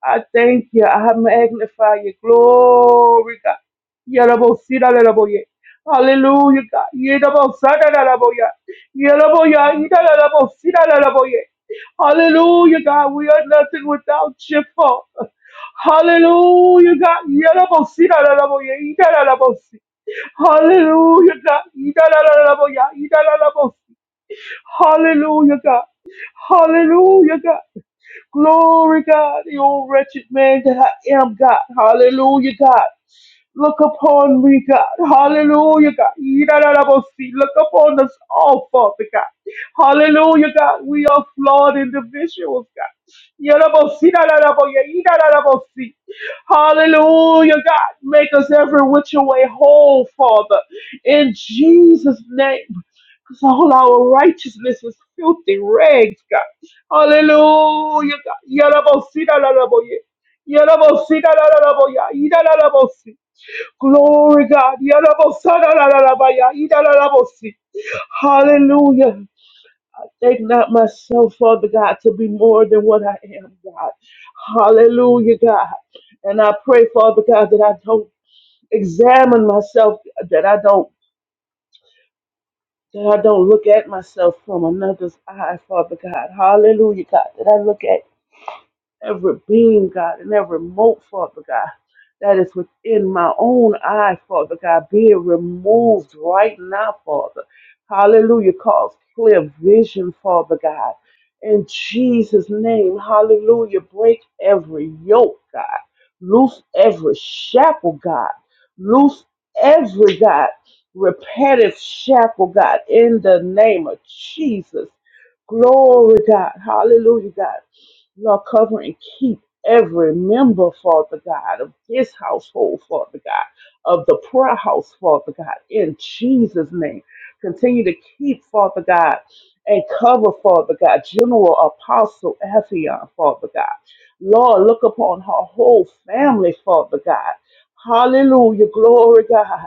D: I thank you. I magnify magnified your glory, God. Yarabosidalaraboye. Hallelujah, God. Yerabosadalaraboye. Yeraboya, yidalarabosidalaraboye. Hallelujah, God. We are nothing without your Father. Hallelujah, God. Yerabosidalaraboye, yidalarabosi. Hallelujah, God. Yidalaraboya, yidalarabosi. Hallelujah, God. Hallelujah, God. Glory, God, The old wretched man that I am, God. Hallelujah, God. Look upon me, God. Hallelujah, God. Yidadadabosi. Look upon us all, Father God. Hallelujah, God. We are flawed individuals, God. Yadabosi, dadadaboya, yidadadabosi. Hallelujah, God. Make us every which way whole, Father. In Jesus' name. Because all our righteousness was filthy rags, God. Hallelujah, God. Yalabosi, dalalaboye. Yalabosi, dalalalaboya. Idalalabosi. Glory, God. Yalabosa, dalalabaya. Idalalabosi. Hallelujah. Take not myself, Father God, to be more than what I am, God. Hallelujah, God. And I pray, Father God, that I don't examine myself, that I don't That I don't look at myself from another's eye, Father God. Hallelujah, God. That I look at every being, God, and every mote, Father God, that is within my own eye, Father God, being removed right now, Father. Hallelujah. Cause clear vision, Father God. In Jesus' name, hallelujah. Break every yoke, God. Loose every shackle, God. Loose every, God, repetitive shackle, God, in the name of Jesus. Glory, God. Hallelujah, God. Lord, cover and keep every member, Father God, of this household, Father God, of the prayer house, Father God, in Jesus' name. Continue to keep, Father God, and cover, Father God, General Apostle Ephion, Father God. Lord, look upon her whole family, Father God. Hallelujah. Glory, God.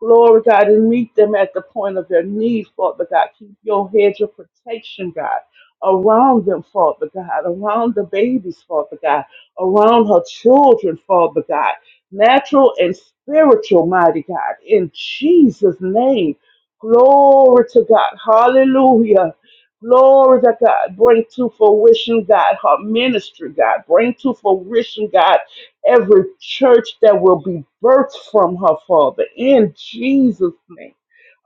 D: Glory, God, and meet them at the point of their need, Father God. Keep your hedge of protection, God around them, Father God, around the babies, Father God, around her children, Father God, natural and spiritual, mighty God, in Jesus' name. Glory to God. Hallelujah. Glory to God. Bring to fruition, God, her ministry, God. Bring to fruition, God, every church that will be birthed from her, Father, in Jesus' name.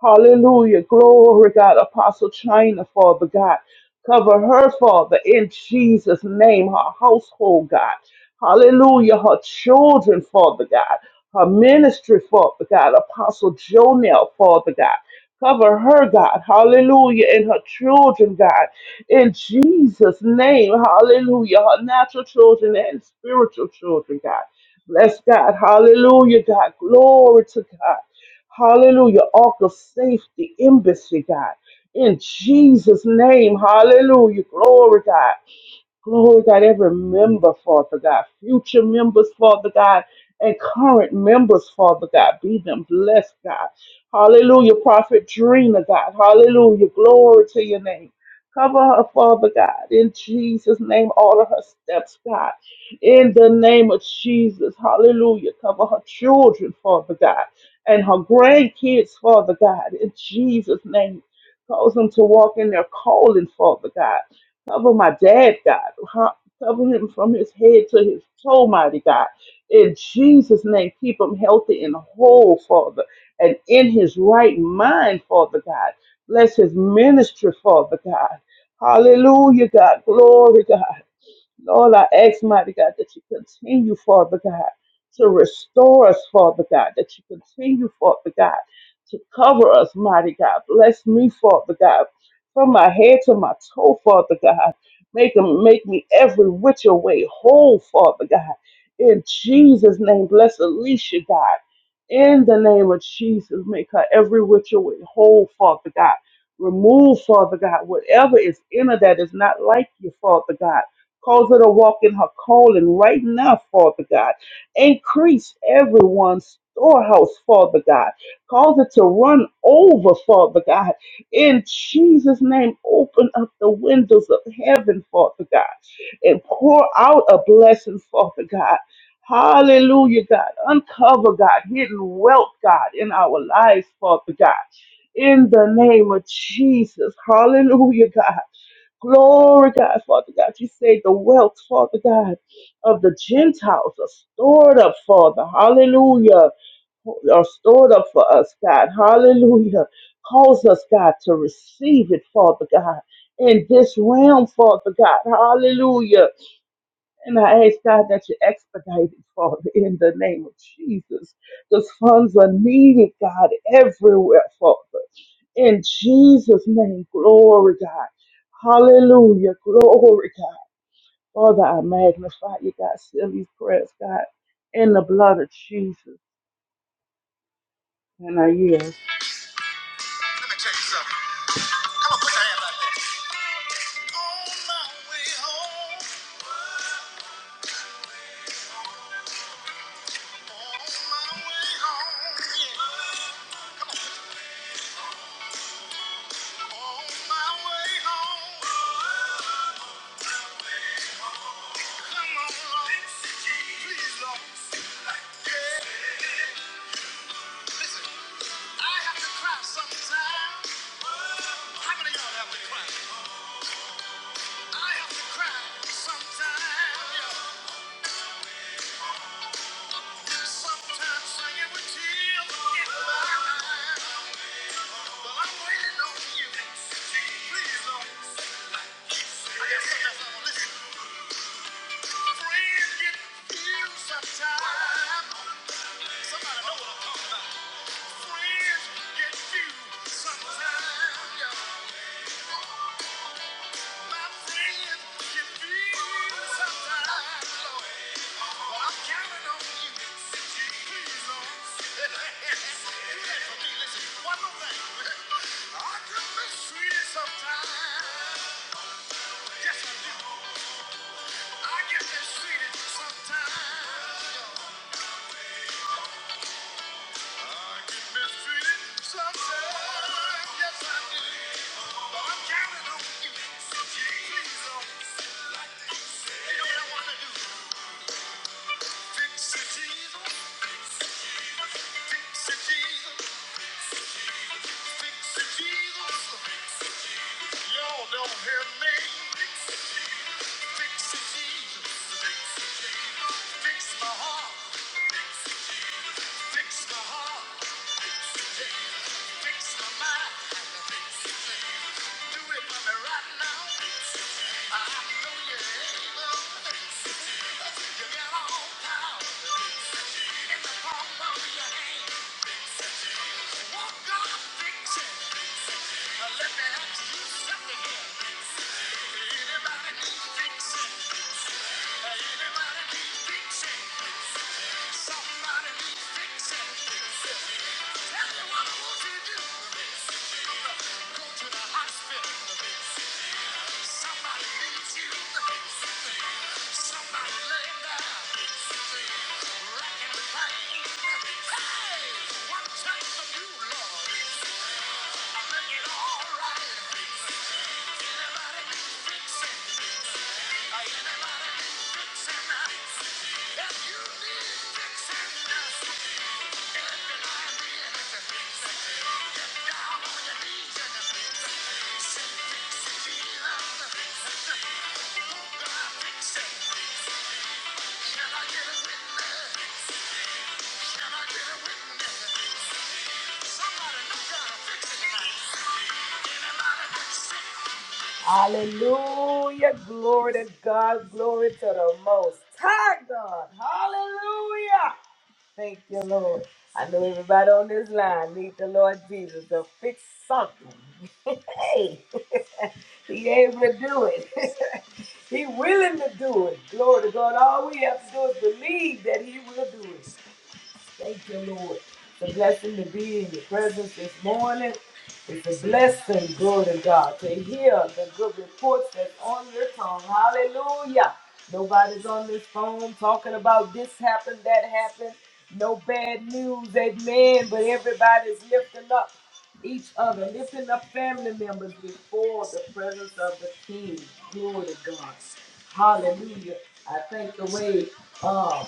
D: Hallelujah. Glory, God. Apostle China, Father God. Cover her, Father, in Jesus' name, her household, God. Hallelujah. Her children, Father God. Her ministry, Father God. Apostle Jonel, Father God. Cover her, God. Hallelujah. And her children, God. In Jesus' name. Hallelujah. Her natural children and spiritual children, God. Bless God. Hallelujah, God. Glory to God. Hallelujah. Ark of safety, embassy, God. In Jesus' name, hallelujah. Glory, God. Glory, God, every member, Father God, future members, Father God, and current members, Father God, be them blessed, God. Hallelujah, Prophet Drina, God. Hallelujah, glory to your name. Cover her, Father God, in Jesus' name, all of her steps, God. In the name of Jesus, hallelujah. Cover her children, Father God, and her grandkids, Father God, in Jesus' name. Cause them to walk in their calling, Father God Cover my dad, God. Huh? Cover him from his head to his toe, mighty God. In Jesus' name, keep him healthy and whole, Father, and in his right mind, Father God. Bless his ministry, Father God. Hallelujah, God. Glory, God. Lord, I ask, mighty God, that you continue, Father God, to restore us, Father God, that you continue, Father God, to cover us, mighty God. Bless me, Father God, from my head to my toe, Father God. Make, them, make me every which way whole, Father God. In Jesus' name, bless Alicia, God. In the name of Jesus, make her every which way whole, Father God. Remove, Father God, whatever is in her that is not like you, Father God Cause her to walk in her calling right now, Father God. Increase everyone's storehouse, Father God. Cause it to run over, Father God. In Jesus' name, open up the windows of heaven, Father God, and pour out a blessing, Father God. Hallelujah, God. Uncover, God, hidden wealth, God, in our lives, Father God. In the name of Jesus. Hallelujah, God. Glory, God, Father God. You say the wealth, Father God, of the Gentiles are stored up, Father. Hallelujah. Are stored up for us, God. Hallelujah. Cause us, God, to receive it, Father God, in this realm, Father God. Hallelujah. And I ask God that you expedite it, Father, in the name of Jesus. Those funds are needed, God, everywhere, Father. In Jesus' name, glory, God. Hallelujah, glory, God. Father, I magnify you, God. Send these prayers, God, in the blood of Jesus. And I yield.
A: Let me tell you something. Come on, put your hands like that. On my way home. Sometimes Somebody know what I'm talking Friends get few sometimes. yeah. My friends get few sometimes, But I'm counting on you. Please, Lord. Do that for me. Listen, one more thing. I get mistreated sometimes. Yes, I do. I get mistreated sometimes. I get mistreated sometimes. Yes, I do. But I'm counting on you. Jesus. You know what I want to do? Fix it, Jesus. Fix Jesus. Fix Jesus. Y'all don't hear me. Fix Jesus. Fix my heart. Fix the heart, fix the day, fix the mind, fix the thing. Do it for me right now. I know you're able. You got all power in the palm of your hand. Won't God fix it? Now let me ask you something here. Fix it. Hallelujah, glory to God, glory to the most high God. Hallelujah. Thank you, Lord. I know everybody on this line need the Lord Jesus to fix something. *laughs* hey, *laughs* He able to do it. *laughs* he willing to do it. Glory to God. All we have to do is believe that He will do it. Thank you, Lord. It's a blessing to be in your presence this morning. It's a blessing, glory to God, to hear the good reports that's on your tongue. Hallelujah. Nobody's on this phone talking about this happened, that happened. No bad news, amen. But everybody's lifting up each other, lifting up family members before the presence of the King. Glory to God. Hallelujah. I thank the way. um,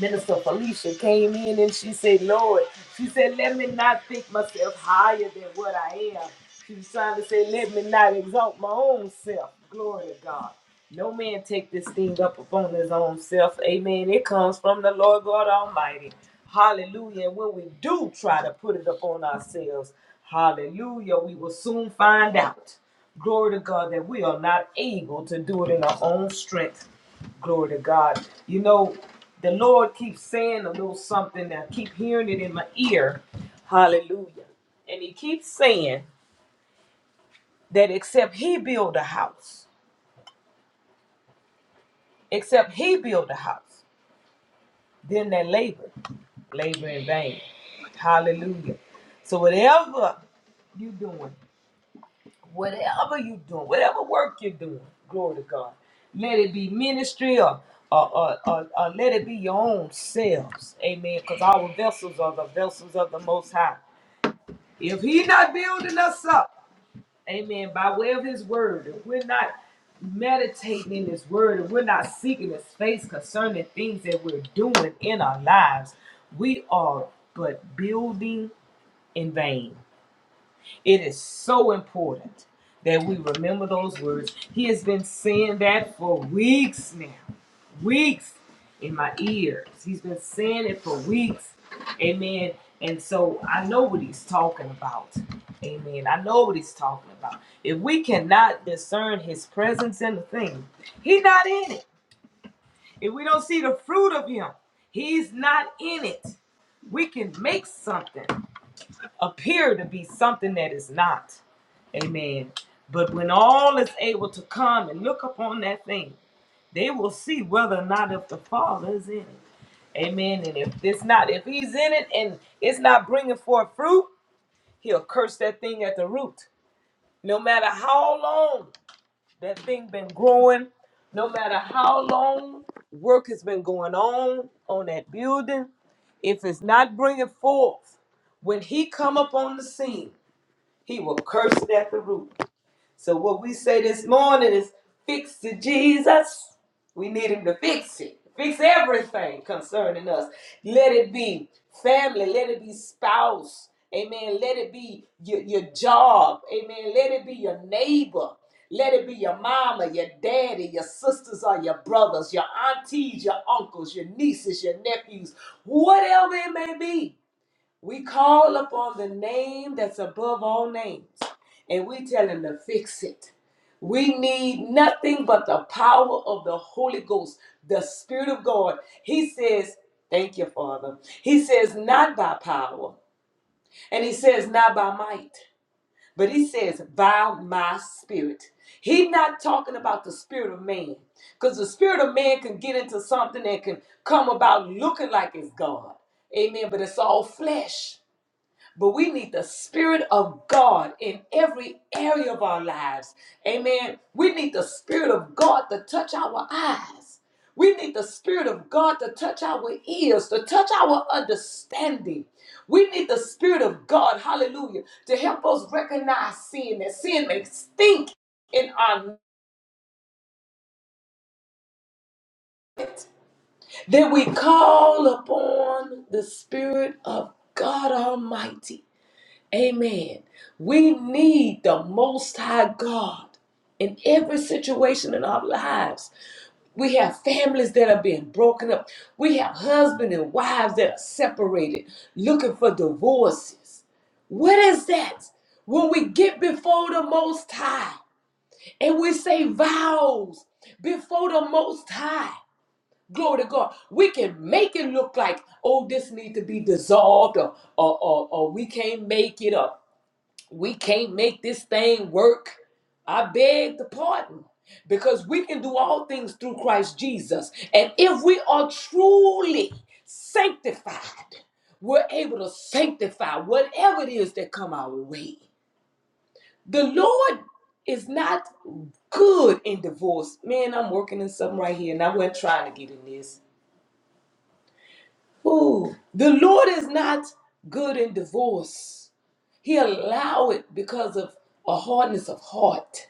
A: Minister Felicia came in and she said, Lord, she said, let me not think myself higher than what I am. She was trying to say, let me not exalt my own self. Glory to God. No man take this thing up upon his own self. Amen. It comes from the Lord God Almighty. Hallelujah. And when we do try to put it upon ourselves, hallelujah, we will soon find out. Glory to God that we are not able to do it in our own strength. Glory to God. You know, the Lord keeps saying a little something. I keep hearing it in my ear. Hallelujah. And He keeps saying that except He build a house, except He build a house, then they labor, labor in vain. Hallelujah. So whatever you doing. whatever you doing, whatever work you're doing, glory to God. Let it be ministry or or, or, or, or let it be your own selves. Amen. Because our vessels are the vessels of the Most High. If He not building us up, amen, by way of His word, if we're not meditating in His word, if we're not seeking His face concerning things that we're doing in our lives, we are but building in vain. It is so important that we remember those words. He has been saying that for weeks now. Weeks in my ears. He's been saying it for weeks. Amen. And so I know what he's talking about. Amen. I know what he's talking about. If we cannot discern his presence in the thing, he's not in it. If we don't see the fruit of him, he's not in it. We can make something appear to be something that is not. Amen. But when all is able to come and look upon that thing, they will see whether or not if the Father is in it. Amen. And if it's not, if he's in it and it's not bringing forth fruit, he'll curse that thing at the root. No matter how long that thing been growing, no matter how long work has been going on on that building, if it's not bringing forth, when he come up on the scene, he will curse it at the root. So what we say this morning is fix to Jesus. We need him to fix it. Fix everything concerning us. Let it be family. Let it be spouse. Amen. Let it be your, your job. Amen. Let it be your neighbor. Let it be your mama, your daddy, your sisters or your brothers, your aunties, your uncles, your nieces, your nephews, whatever it may be. We call upon the name that's above all names, and we tell him to fix it. We need nothing but the power of the Holy Ghost, the Spirit of God. He says, Thank you, Father. He says, Not by power, and he says, Not by might, but he says, By my spirit. He's not talking about the spirit of man, because the spirit of man can get into something that can come about looking like it's God. Amen. But it's all flesh. But we need the Spirit of God in every area of our lives. Amen. We need the Spirit of God to touch our eyes. We need the Spirit of God to touch our ears, to touch our understanding. We need the Spirit of God, hallelujah, to help us recognize sin, that sin may stink in our midst. Then we call upon the Spirit of God Almighty Amen. We need the Most High God in every situation in our lives. We have families that are being broken up. We have husbands and wives that are separated, looking for divorces. What is that? When we get before the Most High and we say vows before the Most High, glory to God, we can make it look like, oh, this need to be dissolved, or, or, or, or we can't make it up we can't make this thing work. I beg the pardon because we can do all things through Christ Jesus. And if we are truly sanctified, we're able to sanctify whatever it is that come our way. The Lord is not good in divorce. Man, I'm working in something right here and I wasn't trying to get in this. Ooh, the Lord is not good in divorce. He allowed it because of a hardness of heart.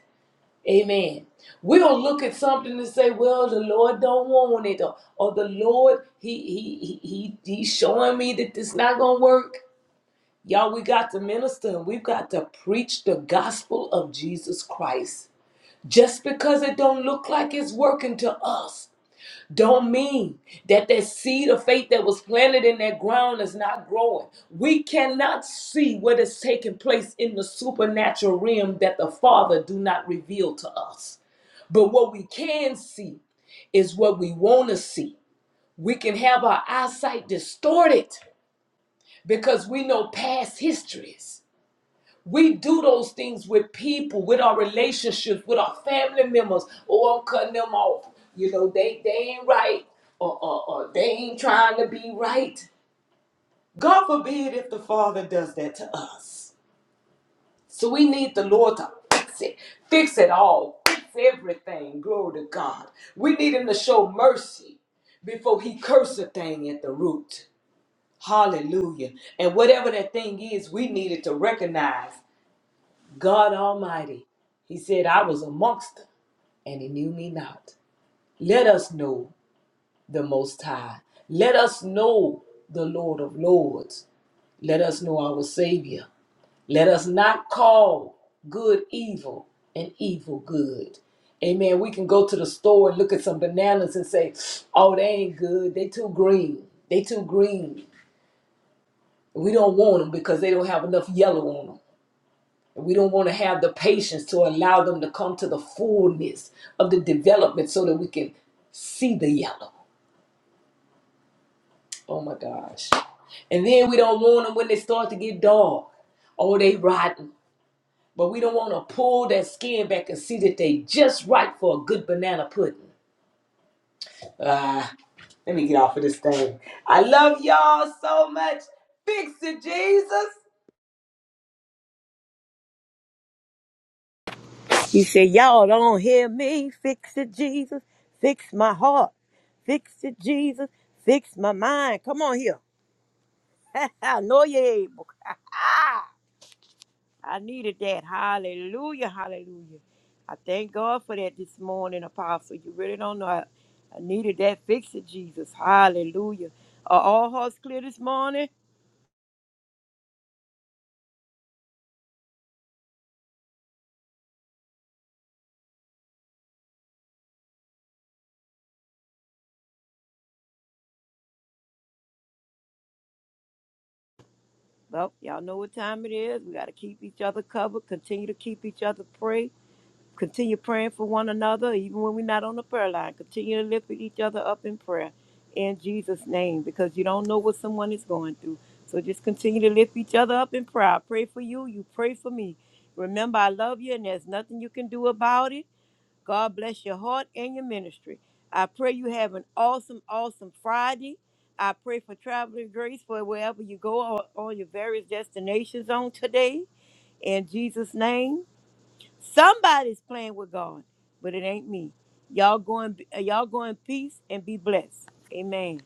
A: Amen. We don't look at something and say, "Well, the Lord don't want it," or, or "The Lord, he he he he he's showing me that this not gonna work." Y'all, we got to minister and we've got to preach the gospel of Jesus Christ. Just because it don't look like it's working to us, don't mean that that seed of faith that was planted in that ground is not growing. We cannot see what is taking place in the supernatural realm that the Father do not reveal to us. But what we can see is what we want to see. We can have our eyesight distorted because we know past histories. We do those things with people, with our relationships, with our family members. Oh, I'm cutting them off. You know, they, they ain't right or, or, or they ain't trying to be right. God forbid if the Father does that to us. So we need the Lord to fix it, fix it all, fix everything. Glory to God. We need Him to show mercy before He curse a thing at the root. Hallelujah. And whatever that thing is, we needed to recognize God Almighty. He said, I was amongst them, and He knew me not. Let us know the Most High. Let us know the Lord of Lords. Let us know our Savior. Let us not call good evil and evil good. Amen. We can go to the store and look at some bananas and say, oh, they ain't good. They too green. They too green. We don't want them because they don't have enough yellow on them. And we don't want to have the patience to allow them to come to the fullness of the development so that we can see the yellow. Oh my gosh. And then we don't want them when they start to get dark. Oh, they rotten. But we don't want to pull that skin back and see that they just right for a good banana pudding. Ah, let me get off of this thing. I love y'all so much. Fix it, Jesus.
C: He said, Y'all don't hear me. Fix it, Jesus. Fix my heart. Fix it, Jesus. Fix my mind. Come on here. *laughs* I know you're able. *laughs* I needed that. Hallelujah. Hallelujah. I thank God for that this morning, Apostle. You really don't know. I, I needed that. Fix it, Jesus. Hallelujah. Are all hearts clear this morning? Well, y'all know what time it is. We got to keep each other covered, continue to keep each other prayed. Continue praying for one another, even when we're not on the prayer line. Continue to lift each other up in prayer in Jesus' name because you don't know what someone is going through. So just continue to lift each other up in prayer. I pray for you, you pray for me. Remember, I love you and there's nothing you can do about it. God bless your heart and your ministry. I pray you have an awesome, awesome Friday. I pray for traveling grace for wherever you go or all your various destinations on today. In Jesus' name. Somebody's playing with God, but it ain't me. Y'all go in, y'all go in peace and be blessed. Amen.